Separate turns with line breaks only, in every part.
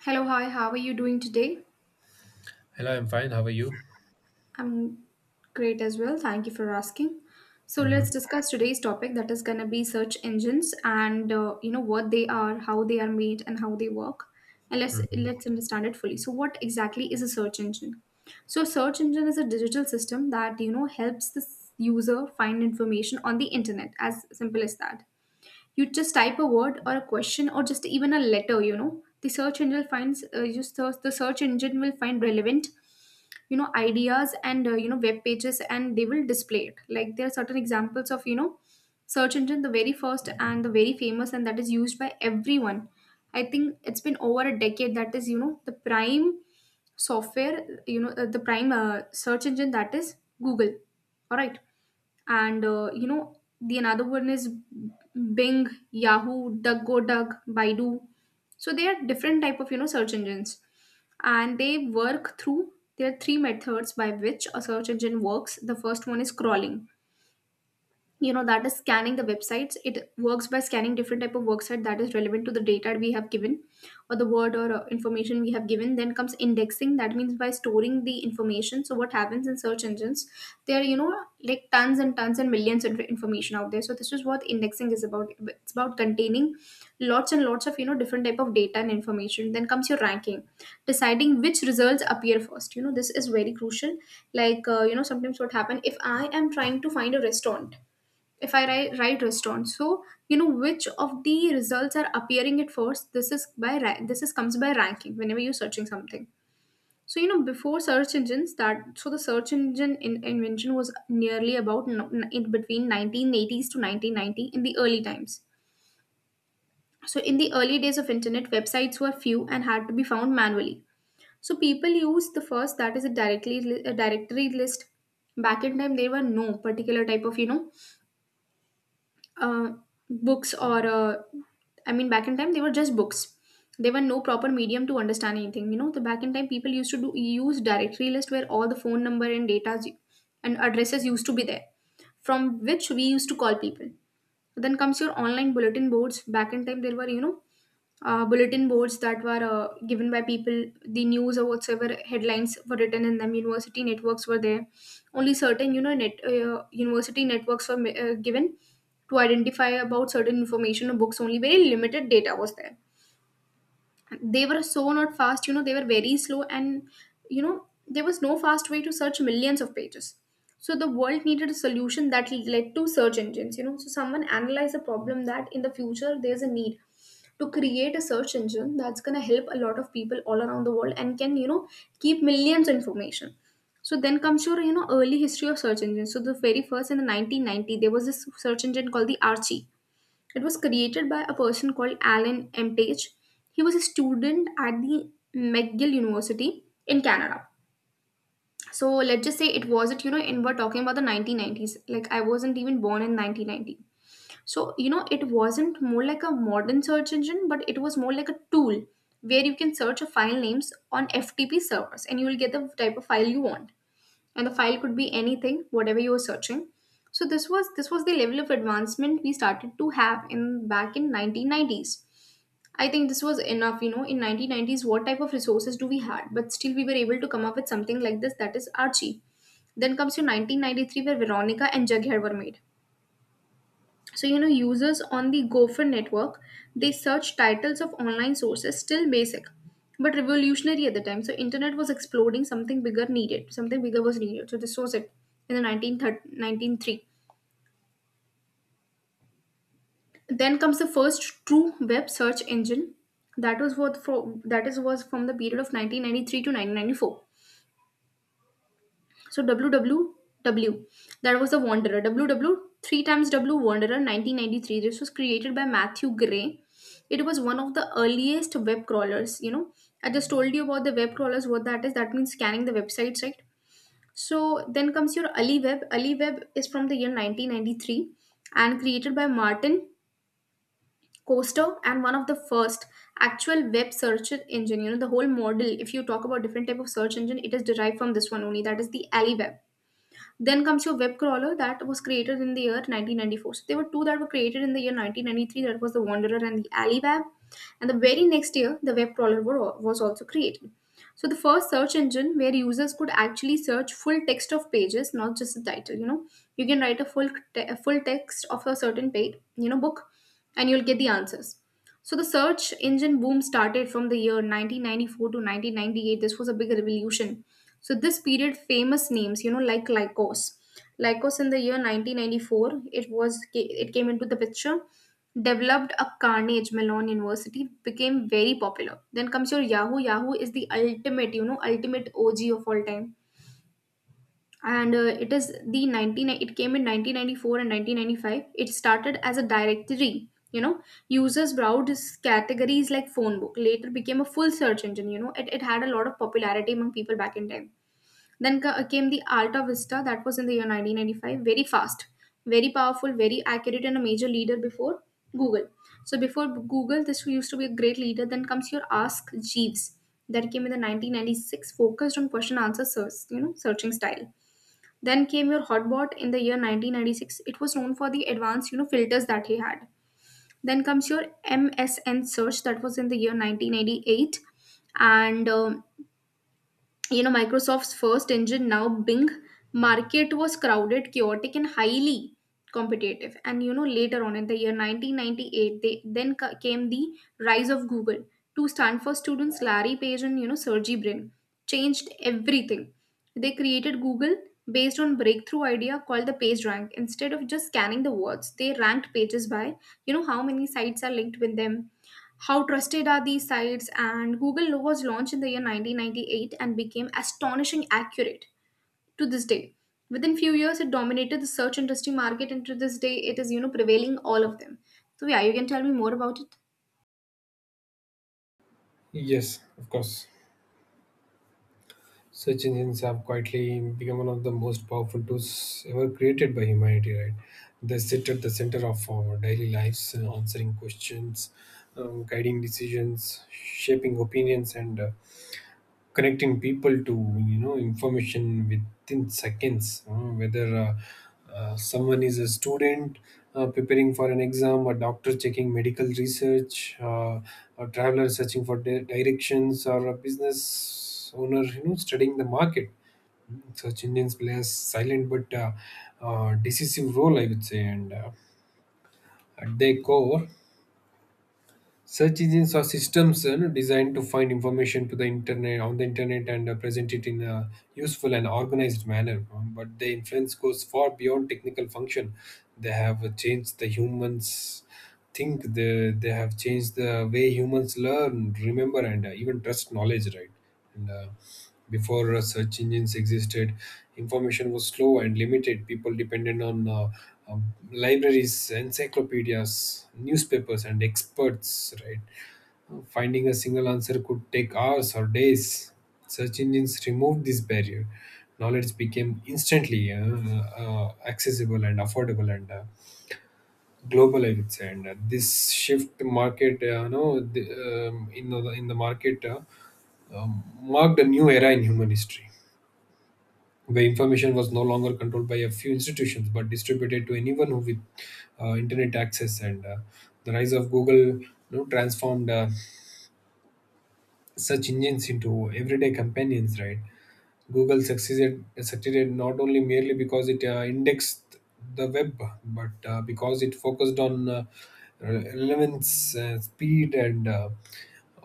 Hello, hi, how are you doing today?
Hello, I'm fine. How are you?
I'm great as well. Thank you for asking. So let's
hmm
discuss today's topic that is going to be search engines and what they are, how they are made, and how they work. And let's
hmm
let's understand it fully. So what exactly is a search engine? So a search engine is a digital system that helps the user find information on the internet, as simple as that. You just type a word or a question or just even a letter. The search engine finds, you search the search engine will find relevant, ideas, and web pages, and they will display it. Like, there are certain examples of search engine, the very first and the very famous, and that is used by everyone. I think it's been over a decade, that is the prime search engine, that is Google. All right. And the another one is Bing, Yahoo, Duckgodug, Baidu. So they are different type of search engines, and they work through there are three methods by which a search engine works. The first one is crawling. That is scanning the websites. It works by scanning different type of website that is relevant to the data we have given, or the word, or information we have given. Then comes indexing, that means by storing the information. So what happens in search engines, there are, like, tons and tons and millions of information out there. So this is what indexing is about. It's about containing lots and lots of different type of data and information. Then comes your ranking, deciding which results appear first. This is very crucial. Like, sometimes what happen if I am trying to find a restaurant, if I write restaurant, so which of the results are appearing at first. This is by this is comes by ranking whenever you're searching something. So before search engines that so the search engine invention was nearly about, no, in between 1980s to 1990 in the early times. So in the early days of internet, websites were few and had to be found manually. So people used the first, that is, a directly a directory list. Back in time, there were no particular type of, uh, books, or I mean, back in time they were just books. There were no proper medium to understand anything, the back in time, people used to do use directory list where all the phone number and data and addresses used to be there, from which we used to call people. Then comes your online bulletin boards. Back in time, there were, bulletin boards that were, given by people, the news or whatsoever headlines were written in them. University networks were there. Only certain, net university networks were given to identify about certain information or books. Only very limited data was there. They were so not fast. They were very slow, and there was no fast way to search millions of pages. So the world needed a solution that led to search engines. So someone analyzed the problem that in the future there's a need to create a search engine that's going to help a lot of people all around the world and can keep millions of information. So then comes your early history of search engines. So the very first, in the 1990, there was this search engine called the Archie. It was created by a person called Alan Mtage. He was a student at the McGill University in Canada. So let's just say, it wasn't, and we're talking about the 1990s. Like, I wasn't even born in 1990. So, it wasn't more like a modern search engine, but it was more like a tool where you can search a file names on FTP servers, and you will get the type of file you want. And the file could be anything, whatever you were searching. So this was the level of advancement we started to have in back in 1990s. I think this was enough, in 1990s what type of resources do we had, but still we were able to come up with something like this, that is Archie. Then comes to 1993, where Veronica and Jughead were made. So, users on the Gopher network, they search titles of online sources, still basic, but revolutionary at the time. So, internet was exploding, something bigger was needed. So, this was it in the 1930, 1903. Then comes the first true web search engine. That was that is was from the period of 1993 to 1994. So WWW, that was the Wanderer. W W three times W Wanderer, 1993. This was created by Matthew Gray. It was one of the earliest web crawlers. I just told you about the web crawlers. What that is? That means scanning the websites, right? So then comes your AliWeb. AliWeb is from the year 1993 and created by Martin Coaster and one of the first actual web search engine. The whole model. If you talk about different type of search engine, it is derived from this one only. That is the AliWeb. Then comes your web crawler that was created in the year 1994. So there were two that were created in the year 1993. That was the Wanderer and the AliWeb. And the very next year, the web crawler was also created. So the first search engine where users could actually search full text of pages, not just the title. You can write a a full text of a certain page, book, and you'll get the answers. So the search engine boom started from the year 1994 to 1998. This was a big revolution. So this period, famous names, like Lycos. Lycos in the year 1994, it came into the picture, developed a Carnegie Mellon University, became very popular. Then comes your Yahoo. Yahoo is the ultimate, ultimate OG of all time. And it is the it came in 1994 and 1995. It started as a directory, users browsed categories like phone book, later became a full search engine, it had a lot of popularity among people back in time. Then came the Alta Vista, that was in the year 1995, very fast, very powerful, very accurate, and a major leader before Google. So before Google, this used to be a great leader. Then comes your Ask Jeeves, that came in the 1996, focused on question answer search, searching style. Then came your Hotbot in the year 1996. It was known for the advanced, filters that he had. Then comes your MSN search, that was in the year 1988, and Microsoft's first engine, now Bing. Market was crowded, chaotic, and highly competitive. And later on in the year 1998, they then came the rise of Google. Two Stanford students, Larry Page and Sergey Brin, changed everything. They created Google based on breakthrough idea called the page rank. Instead of just scanning the words, they ranked pages by how many sites are linked with them. How trusted are these sites? And Google was launched in the year 1998 and became astonishing accurate to this day. Within few years, it dominated the search industry market, and to this day, it is prevailing all of them. So yeah, you can tell me more about it.
Yes, of course. Search engines have quietly become one of the most powerful tools ever created by humanity, right? They sit at the center of our daily lives, answering questions, guiding decisions, shaping opinions, and connecting people to information within seconds, whether someone is a student preparing for an exam, a doctor checking medical research, a traveler searching for directions, or a business owner studying the market. Search engines play a silent but decisive role, I would say. And at their core, search engines are systems, designed to find information to the internet on the internet and present it in a useful and organized manner. But their influence goes far beyond technical function. They have changed the humans think. They have changed the way humans learn, remember, and even trust knowledge. Right, and before search engines existed, information was slow and limited. People depended on um, libraries, encyclopedias, newspapers, and experts. Right. Finding a single answer could take hours or days. Search engines removed this barrier. Knowledge became instantly accessible and affordable and global, I would say. And this shift market, no, the, in the in the market, um, marked a new era in human history where information was no longer controlled by a few institutions but distributed to anyone who with internet access. And the rise of Google, you know, transformed search engines into everyday companions, right? Google succeeded not only merely because it indexed the web, but because it focused on relevance, speed, and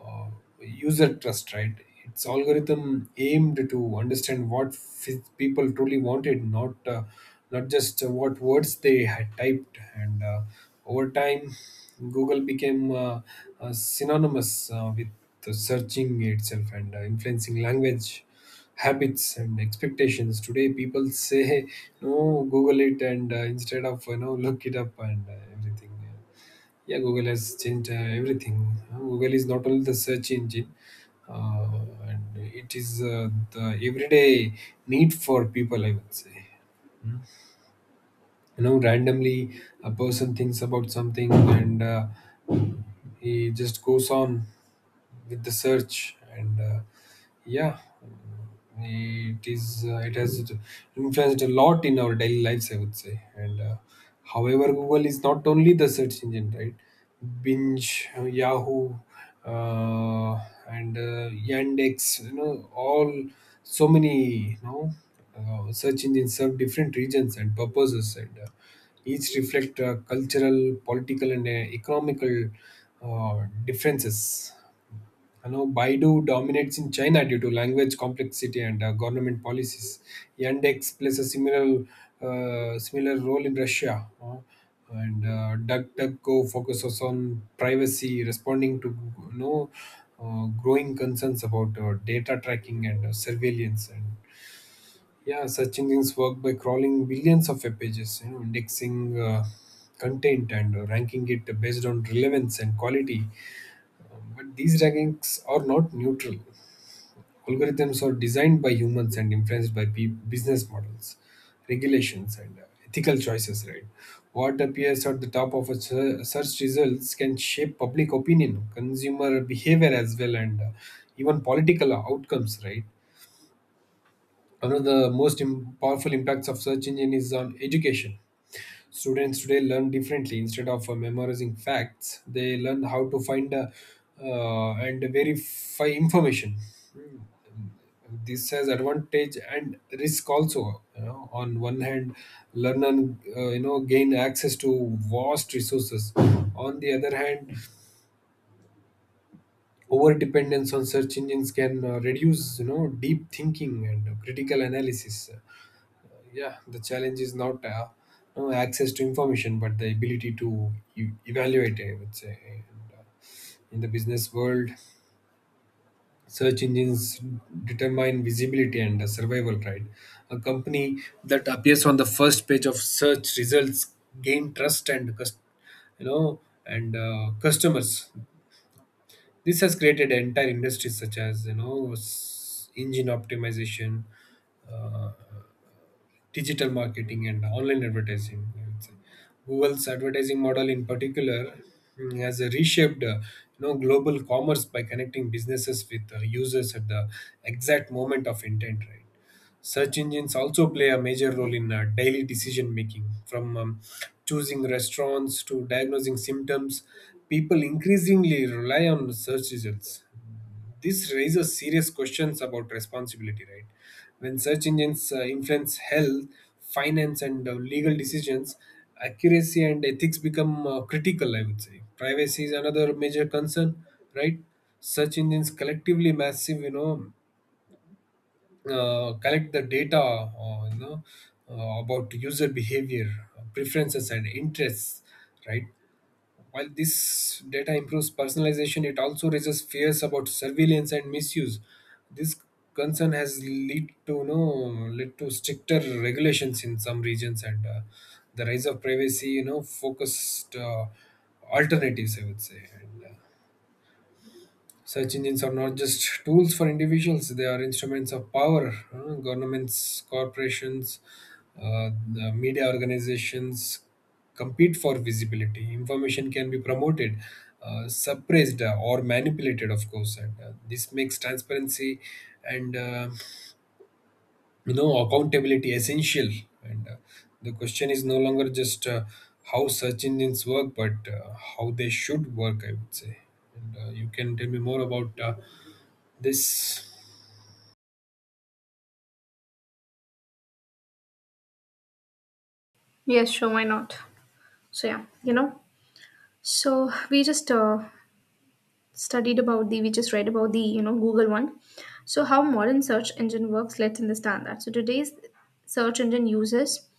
uh, user trust. Right, its algorithm aimed to understand what people truly wanted, not not just what words they had typed. And over time, Google became synonymous with the searching itself, and influencing language habits and expectations. Today people say, "Hey, no google it," and instead of, "look it up," and everything. Yeah, Google has changed everything. Google is not only the search engine, uh, and it is the everyday need for people, I would say. You know, randomly a person thinks about something, and he just goes on with the search, and yeah, it is, it has influenced a lot in our daily lives, I would say. And however, Google is not only the search engine, right? Binge, Yahoo, uh, and Yandex, you know all, so many, search engines serve different regions and purposes, and each reflect cultural, political, and economical uh, differences. I know Baidu dominates in China due to language complexity and government policies. Yandex plays a similar role in Russia, and DuckDuckGo focuses on privacy, responding to you know growing concerns about data tracking and surveillance. And yeah, search engines work by crawling billions of web pages, you know, indexing content and ranking it based on relevance and quality. But these rankings are not neutral. Algorithms are designed by humans and influenced by business models, regulations, and ethical choices, right? What appears at the top of a search results can shape public opinion, consumer behavior as well, and even political outcomes, right? One of the most powerful impacts of search engine is on education. Students today learn differently. Instead of memorizing facts, they learn how to find and verify information. Hmm. This has advantage and risk also, you know. On one hand, learners, gain access to vast resources. On the other hand, over dependence on search engines can reduce, you know, deep thinking and critical analysis. Yeah, the challenge is not no access to information, but the ability to evaluate, I would say. And in the business world, search engines determine visibility and survival. Right, a company that appears on the first page of search results gain trust and you know and customers. This has created entire industries such as, you know, engine optimization, uh, digital marketing, and online advertising, I would say. Google's advertising model, in particular, has reshaped, global commerce by connecting businesses with users at the exact moment of intent. Right. Search engines also play a major role in daily decision making, from choosing restaurants to diagnosing symptoms. People increasingly rely on search results. This raises serious questions about responsibility, right? When search engines influence health, finance, and legal decisions, accuracy and ethics become critical, I would say. Privacy is another major concern, right? Search engines collectively massive, collect the data, about user behavior, preferences, and interests, right? While this data improves personalization, it also raises fears about surveillance and misuse. This concern has led to no led to stricter regulations in some regions and the rise of privacy, you know, focused alternatives, I would say. And search engines are not just tools for individuals, they are instruments of power. Governments, corporations, the media organizations compete for visibility. Information can be promoted, suppressed, or manipulated, of course. And this makes transparency and you know, accountability essential. And the question is no longer just how search engines work, but how they should work, I would say. And you can tell me more about this.
Yes, sure, why not? So yeah, so we just read about the Google one. So how modern search engine works, let's understand that. So today's search engine uses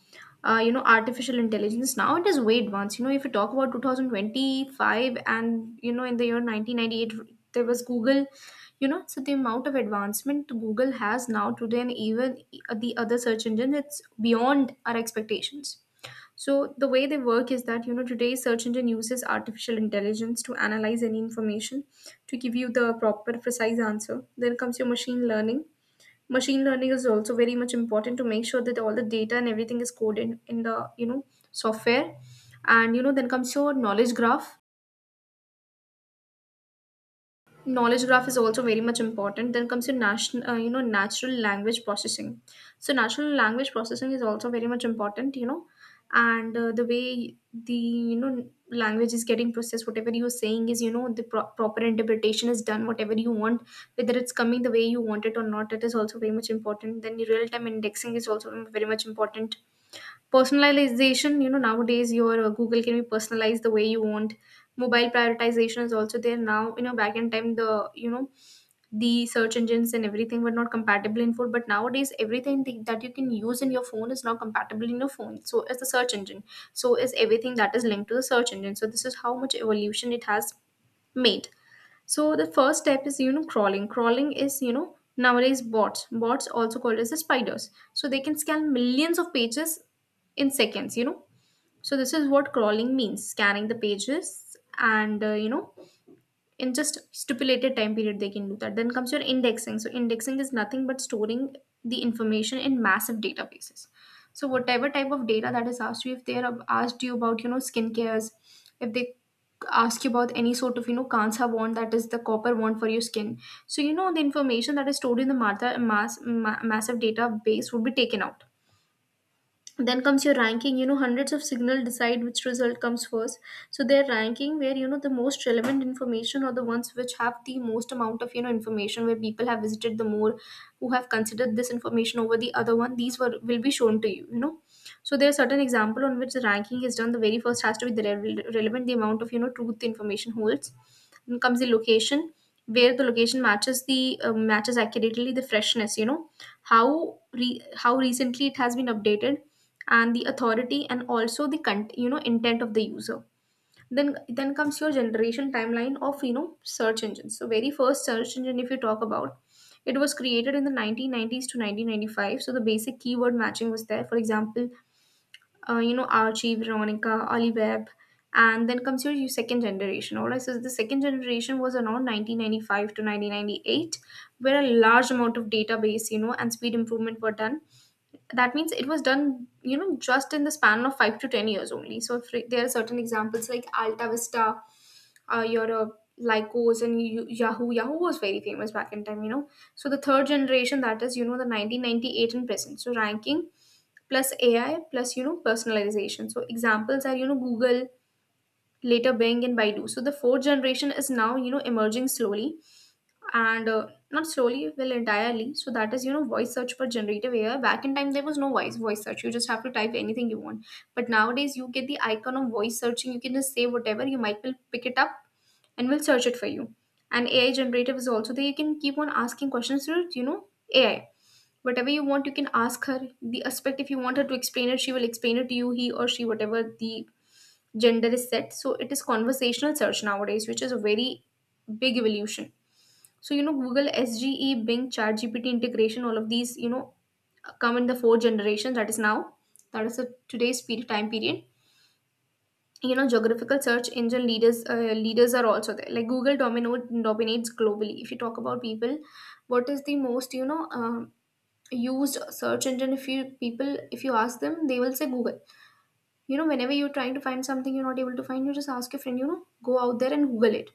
artificial intelligence. Now it is way advanced. If you talk about 2025, and in the year 1998 there was Google. So the amount of advancement Google has now today, and even the other search engines, it's beyond our expectations. So the way they work is that, today search engine uses artificial intelligence to analyze any information to give you the proper precise answer. Then comes your machine learning. Machine learning is also very much important to make sure that all the data and everything is coded in the software. And then comes your knowledge graph. Knowledge graph is also very much important. Then comes your national you know natural language processing. So natural language processing is also very much important, and the way the you know language is getting processed, whatever you're saying, is the proper interpretation is done whatever you want, whether it's coming the way you want it or not, it is also very much important. Then the real time indexing is also very much important. Personalization, nowadays your Google can be personalized the way you want. Mobile prioritization is also there now. Back in time, the you know the search engines and everything were not compatible in phone, but nowadays everything that you can use in your phone is now compatible in your phone, so is the search engine, so is everything that is linked to the search engine. So this is how much evolution it has made. So the first step is, crawling. Crawling is, nowadays, bots. Bots also called as the spiders. So they can scan millions of pages in seconds. So this is what crawling means: scanning the pages, and in just stipulated time period they can do that. Then comes your indexing. So indexing is nothing but storing the information in massive databases. So whatever type of data that is asked you, if they are asked you about, skincares, if they ask you about any sort of, kansa wand, that is the copper wand for your skin, so the information that is stored in the massive database would be taken out. Then comes your ranking. Hundreds of signal decide which result comes first. So their ranking, where the most relevant information or the ones which have the most amount of information, where people have visited the more, who have considered this information over the other one, these were will be shown to you, you know so there are certain example on which the ranking is done. The very first has to be the relevant, the amount of truth the information holds. Then comes the location, where the location matches the matches accurately, the freshness, how how recently it has been updated, and the authority, and also the intent of the user. Then comes your generation timeline of search engines. So very first search engine, if you talk about, it was created in the 1990s to 1995. So the basic keyword matching was there, for example, Archie, Veronica, Oliveb. And then comes your second generation. All right, so the second generation was around 1995 to 1998, where a large amount of database, and speed improvement were done. That means it was done, just in the span of 5 to 10 years only. So if there are certain examples like Alta Vista, Europe, Lycos, and Yahoo. Yahoo was very famous back in time, so the third generation, that is the 1998 and present. So ranking plus AI plus personalization. So examples are, Google, later Bing and Baidu. So the fourth generation is now, emerging slowly, and not slowly, well entirely. So that is, voice search for generative AI. Back in time, there was no voice search, you just have to type anything you want. But nowadays you get the icon of voice searching, you can just say whatever, you might will pick it up and will search it for you. And AI generative is also there, you can keep on asking questions to AI whatever you want. You can ask her the aspect, if you want her to explain it, she will explain it to you, he or she, whatever the gender is set. So it is conversational search nowadays, which is a very big evolution. So, Google SGE, Bing, ChatGPT integration, all of these, come in the fourth generation. That is now. That is the today's period, time period. You know, geographical search engine leaders, leaders are also there. Like Google domino dominates globally. If you talk about people, what is the most used search engine? If you people, if you ask them, they will say Google. You know, whenever you're trying to find something you're not able to find, you just ask your friend, you know, go out there and Google it.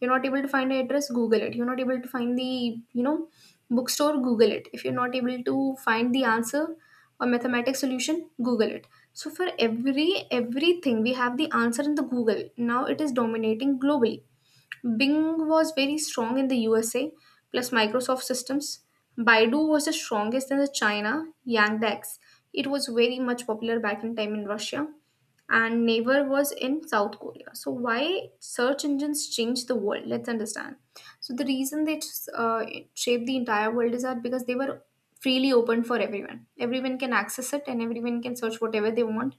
You're not able to find an address, Google it. You're not able to find the, you know, bookstore, Google it. If you're not able to find the answer or mathematic solution, Google it. So for everything, we have the answer in the Google. Now it is dominating globally. Bing was very strong in the USA, plus Microsoft systems. Baidu was the strongest in the China. Yandex, it was very much popular back in time in Russia. And Naver was in South Korea. So why search engines changed the world? Let's understand. So the reason they uh, shaped the entire world is that because they were freely open for everyone. Everyone can access it, and everyone can search whatever they want,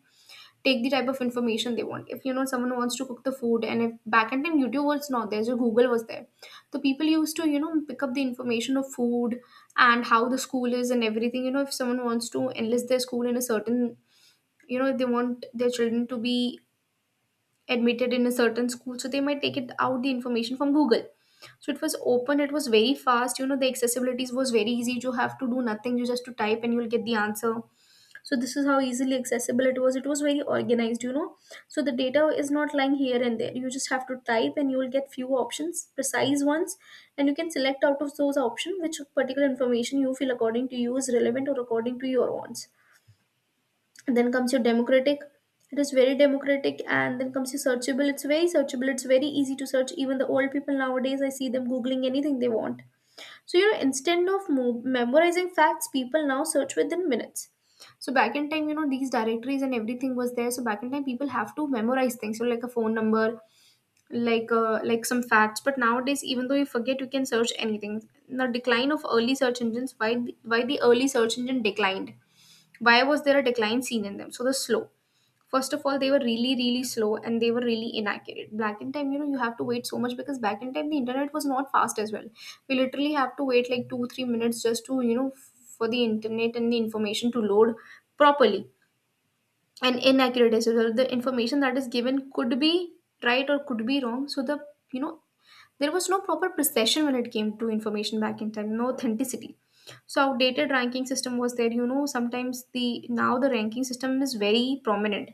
take the type of information they want. If someone wants to cook the food, and if back in time YouTube was not there, so Google was there. So people used to pick up the information of food and how the school is and everything. You know, if someone wants to enlist their school in a certain, you know, if they want their children to be admitted in a certain school, so they might take it out the information from Google. So it was open, it was very fast. You know, the accessibilities was very easy. You have to do nothing, you just to type and you'll get the answer. So this is how easily accessible it was. It was very organized, so the data is not lying here and there, you just have to type and you will get few options, precise ones, and you can select out of those options which particular information you feel according to you is relevant, or according to your wants. And then comes your democratic, it is very democratic. And then comes your searchable, it's very searchable, it's very easy to search. Even the old people nowadays I see them googling anything they want. So, instead of memorizing facts, people now search within minutes. So, back in time, you know, these directories and everything was there. So, back in time, people have to memorize things. So, like a phone number, like some facts. But nowadays, even though you forget, you can search anything. The decline of early search engines. Why the early search engine declined? Why was there a decline seen in them? So, the slow. First of all, they were really, really slow and they were really inaccurate. Back in time, you know, you have to wait so much because back in time the internet was not fast as well. We literally have to wait like two, 3 minutes just to, for the internet and the information to load properly. And inaccurate as well. The information that is given could be right or could be wrong. So the you know there was no proper precision when it came to information back in time, no authenticity. So outdated ranking system was there. You know, sometimes the now the ranking system is very prominent,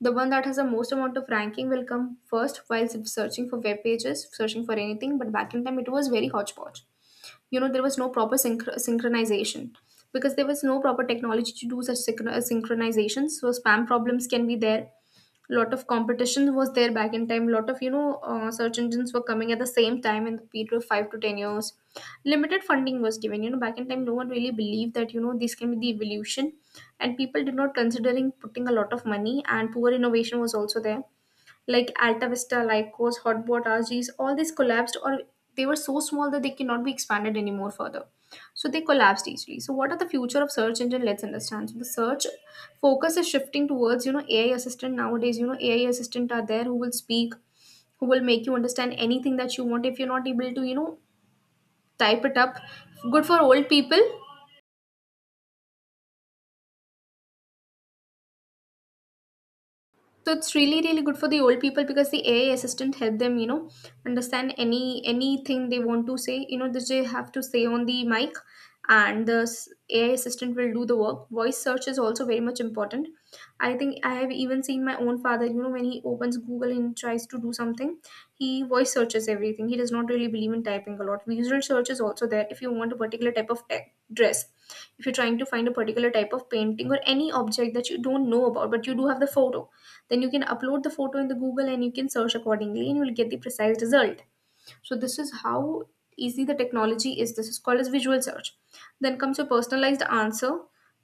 the one that has the most amount of ranking will come first while searching for web pages, searching for anything. But back in time, it was very hodgepodge. You know, there was no proper synchronization because there was no proper technology to do such synchronizations. So spam problems can be there, lot of competition was there back in time. Lot of search engines were coming at the same time in the period of 5 to 10 years. Limited funding was given, back in time, no one really believed that this can be the evolution, and people did not considering putting a lot of money, and poor innovation was also there. Like Alta Vista, Lycos, Hotbot, RGs, all these collapsed, or they were so small that they cannot be expanded anymore further. So they collapsed easily. So what are the future of search engine? Let's understand. So the search focus is shifting towards, AI assistant nowadays. You know, AI assistant are there who will speak, who will make you understand anything that you want. If you're not able to, you know, type it up. Good for old people. So it's really, really good for the old people because the AI assistant help them, you know, understand anything they want to say. You know, that they have to say on the mic, and AI assistant will do the work. Voice search is also very much important. I think I have even seen my own father. You know, when he opens Google and tries to do something, he voice searches everything. He does not really believe in typing a lot. Visual search is also there. If you want a particular type of tech dress, if you're trying to find a particular type of painting or any object that you don't know about, but you do have the photo, then you can upload the photo in the Google and you can search accordingly and you will get the precise result. So this is how easy the technology is. This is called as visual search. Then comes your personalized answer.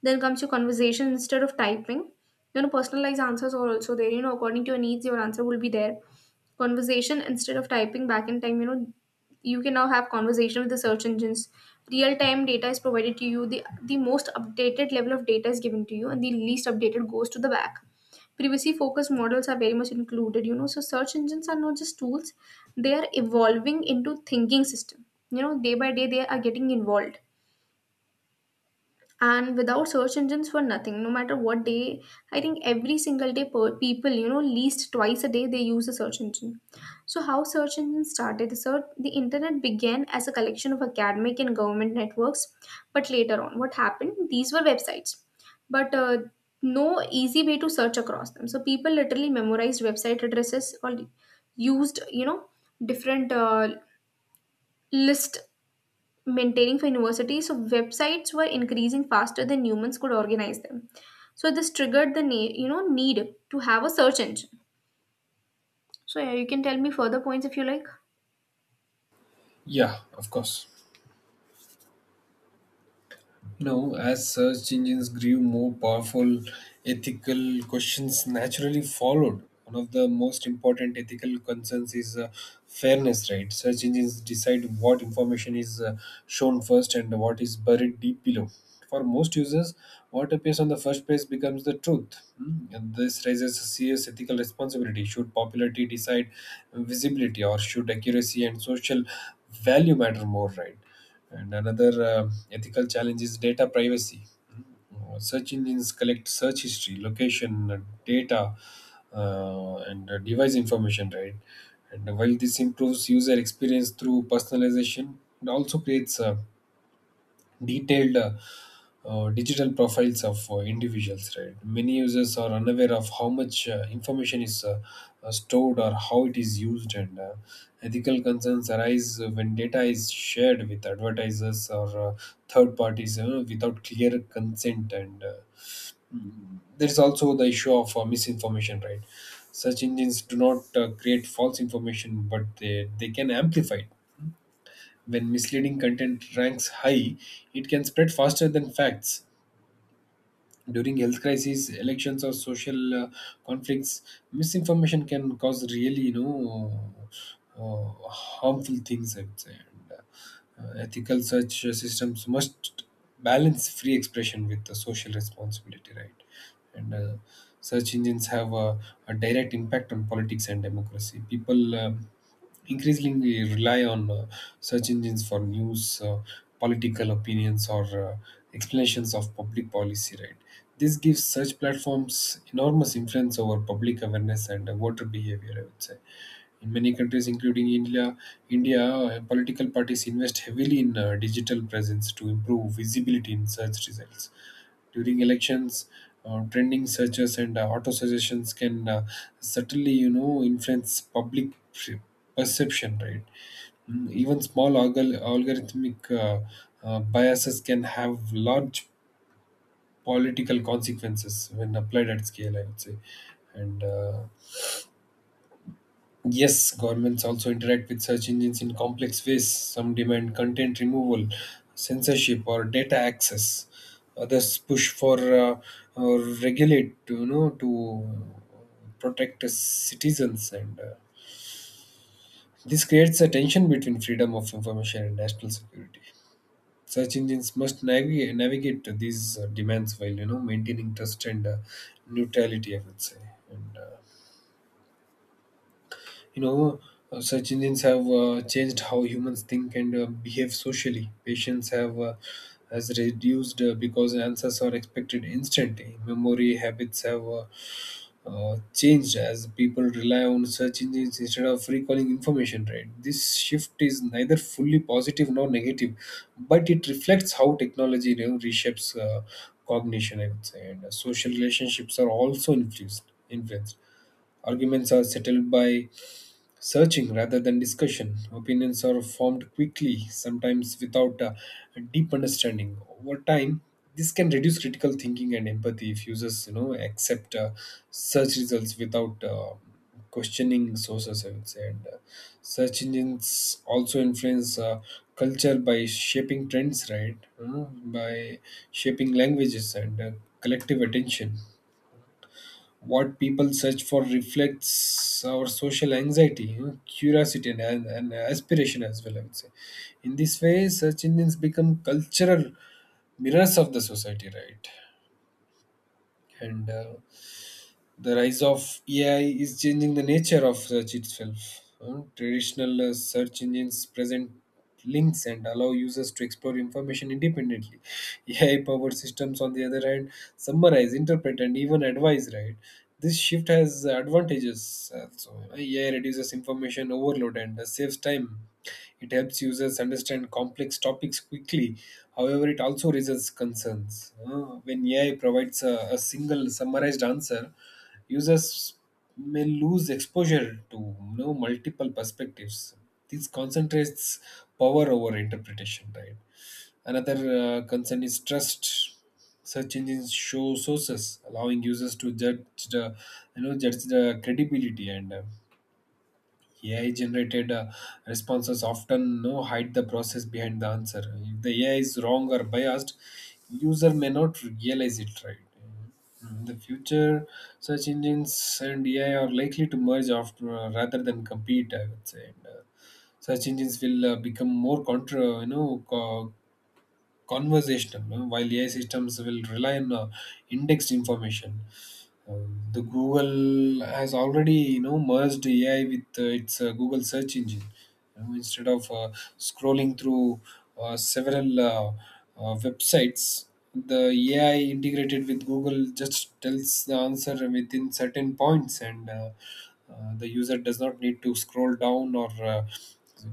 Then comes your conversation instead of typing. You know, personalized answers are also there, according to your needs, your answer will be there. Conversation instead of typing. Back in time, you can now have conversation with the search engines. Real time data is provided to you, the most updated level of data is given to you, and the least updated goes to the back. Privacy focused models are very much included, so search engines are not just tools, they are evolving into thinking system. You know, day by day they are getting involved. And without search engines for nothing, no matter what day, I think every single day per people, you know, least twice a day they use a search engine. So how search engines started. The search, the internet began as a collection of academic and government networks, but later on what happened, these were websites, but no easy way to search across them. So people literally memorized website addresses, or used, you know different list maintaining for universities, so websites were increasing faster than humans could organize them. So this triggered the need to have a search engine. So yeah, you can tell me further points if you like.
Yeah, of course. You As search engines grew more powerful, ethical questions naturally followed. One of the most important ethical concerns is fairness, right? Search engines decide what information is shown first and what is buried deep below. For most users, what appears on the first page becomes the truth. Hmm. And this raises a serious ethical responsibility. Should popularity decide visibility, or should accuracy and social value matter more, right? And another ethical challenge is data privacy. Mm-hmm. Search engines collect search history, location, data, and device information, right? And while this improves user experience through personalization, it also creates detailed digital profiles of individuals, right? Many users are unaware of how much information is stored or how it is used, and ethical concerns arise when data is shared with advertisers or third parties, you know, without clear consent. And there is also the issue of misinformation, right? Search engines do not create false information, but they can amplify it. When misleading content ranks high, it can spread faster than facts. During health crises, elections, or social conflicts, misinformation can cause really, you know, harmful things, I would say. And ethical search systems must balance free expression with the social responsibility, right? And search engines have a direct impact on politics and democracy. People increasingly rely on search engines for news, political opinions, or explanations of public policy. Right. This gives search platforms enormous influence over public awareness and voter behavior, I would say. In many countries, including India, political parties invest heavily in digital presence to improve visibility in search results. During elections, trending searches and auto suggestions can certainly, you know, influence public perception. Right. Even small algorithmic biases can have large political consequences when applied at scale, I would say. And yes, governments also interact with search engines in complex ways. Some demand content removal, censorship, or data access. Others push for or regulate, you know, to protect citizens, and this creates a tension between freedom of information and national security. Search engines must navigate these demands while, you know, maintaining trust and neutrality, I would say. And you know, search engines have changed how humans think and behave socially. Patience have has reduced because answers are expected instantly. Memory habits have changed as people rely on search engines instead of recalling information. Right, this shift is neither fully positive nor negative, but it reflects how technology, you know, reshapes cognition, I would say. And social relationships are also influenced. Arguments are settled by searching rather than discussion, opinions are formed quickly, sometimes without a deep understanding. Over time, this can reduce critical thinking and empathy if users, you know, accept search results without questioning sources, I would say. And search engines also influence culture by shaping trends, right? You know, by shaping languages and collective attention. What people search for reflects our social anxiety, you know, curiosity, and aspiration as well, I would say. In this way, search engines become cultural mirrors of the society, right? And the rise of AI is changing the nature of search itself. Traditional search engines present links and allow users to explore information independently. AI powered systems, on the other hand, summarize, interpret, and even advise, right? This shift has advantages. Also. AI reduces information overload and saves time. It helps users understand complex topics quickly. However, it also raises concerns. When AI provides a single summarized answer, users may lose exposure to, you know, multiple perspectives. This concentrates power over interpretation, right? Another concern is trust. Search engines show sources, allowing users to the, judge the credibility, and AI generated responses often no hide the process behind the answer. If the AI is wrong or biased, user may not realize it, right. In the future, search engines and AI are likely to merge after rather than compete, I would say. And search engines will become more contra, you know, co- conversational, while AI systems will rely on indexed information. The Google has already, you know, merged AI with its Google search engine. You know, instead of scrolling through several websites, the AI integrated with Google just tells the answer within certain points, and the user does not need to scroll down or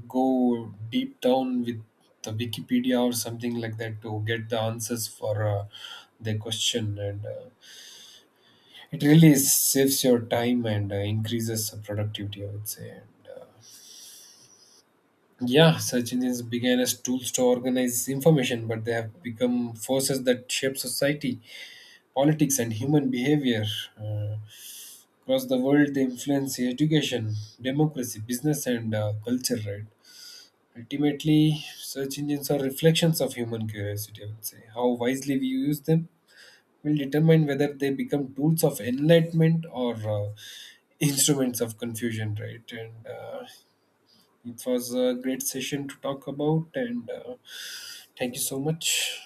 go deep down with the Wikipedia or something like that to get the answers for their question and. It really saves your time and increases productivity, I would say. And yeah, search engines began as tools to organize information, but they have become forces that shape society, politics, and human behavior uh, across the world. They influence education, democracy, business, and culture, right? Ultimately, search engines are reflections of human curiosity, I would say. How wisely we use them will determine whether they become tools of enlightenment or instruments of confusion, right? And it was a great session to talk about, and thank you so much.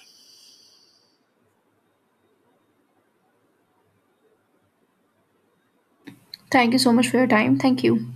Thank you so much for your time. Thank you.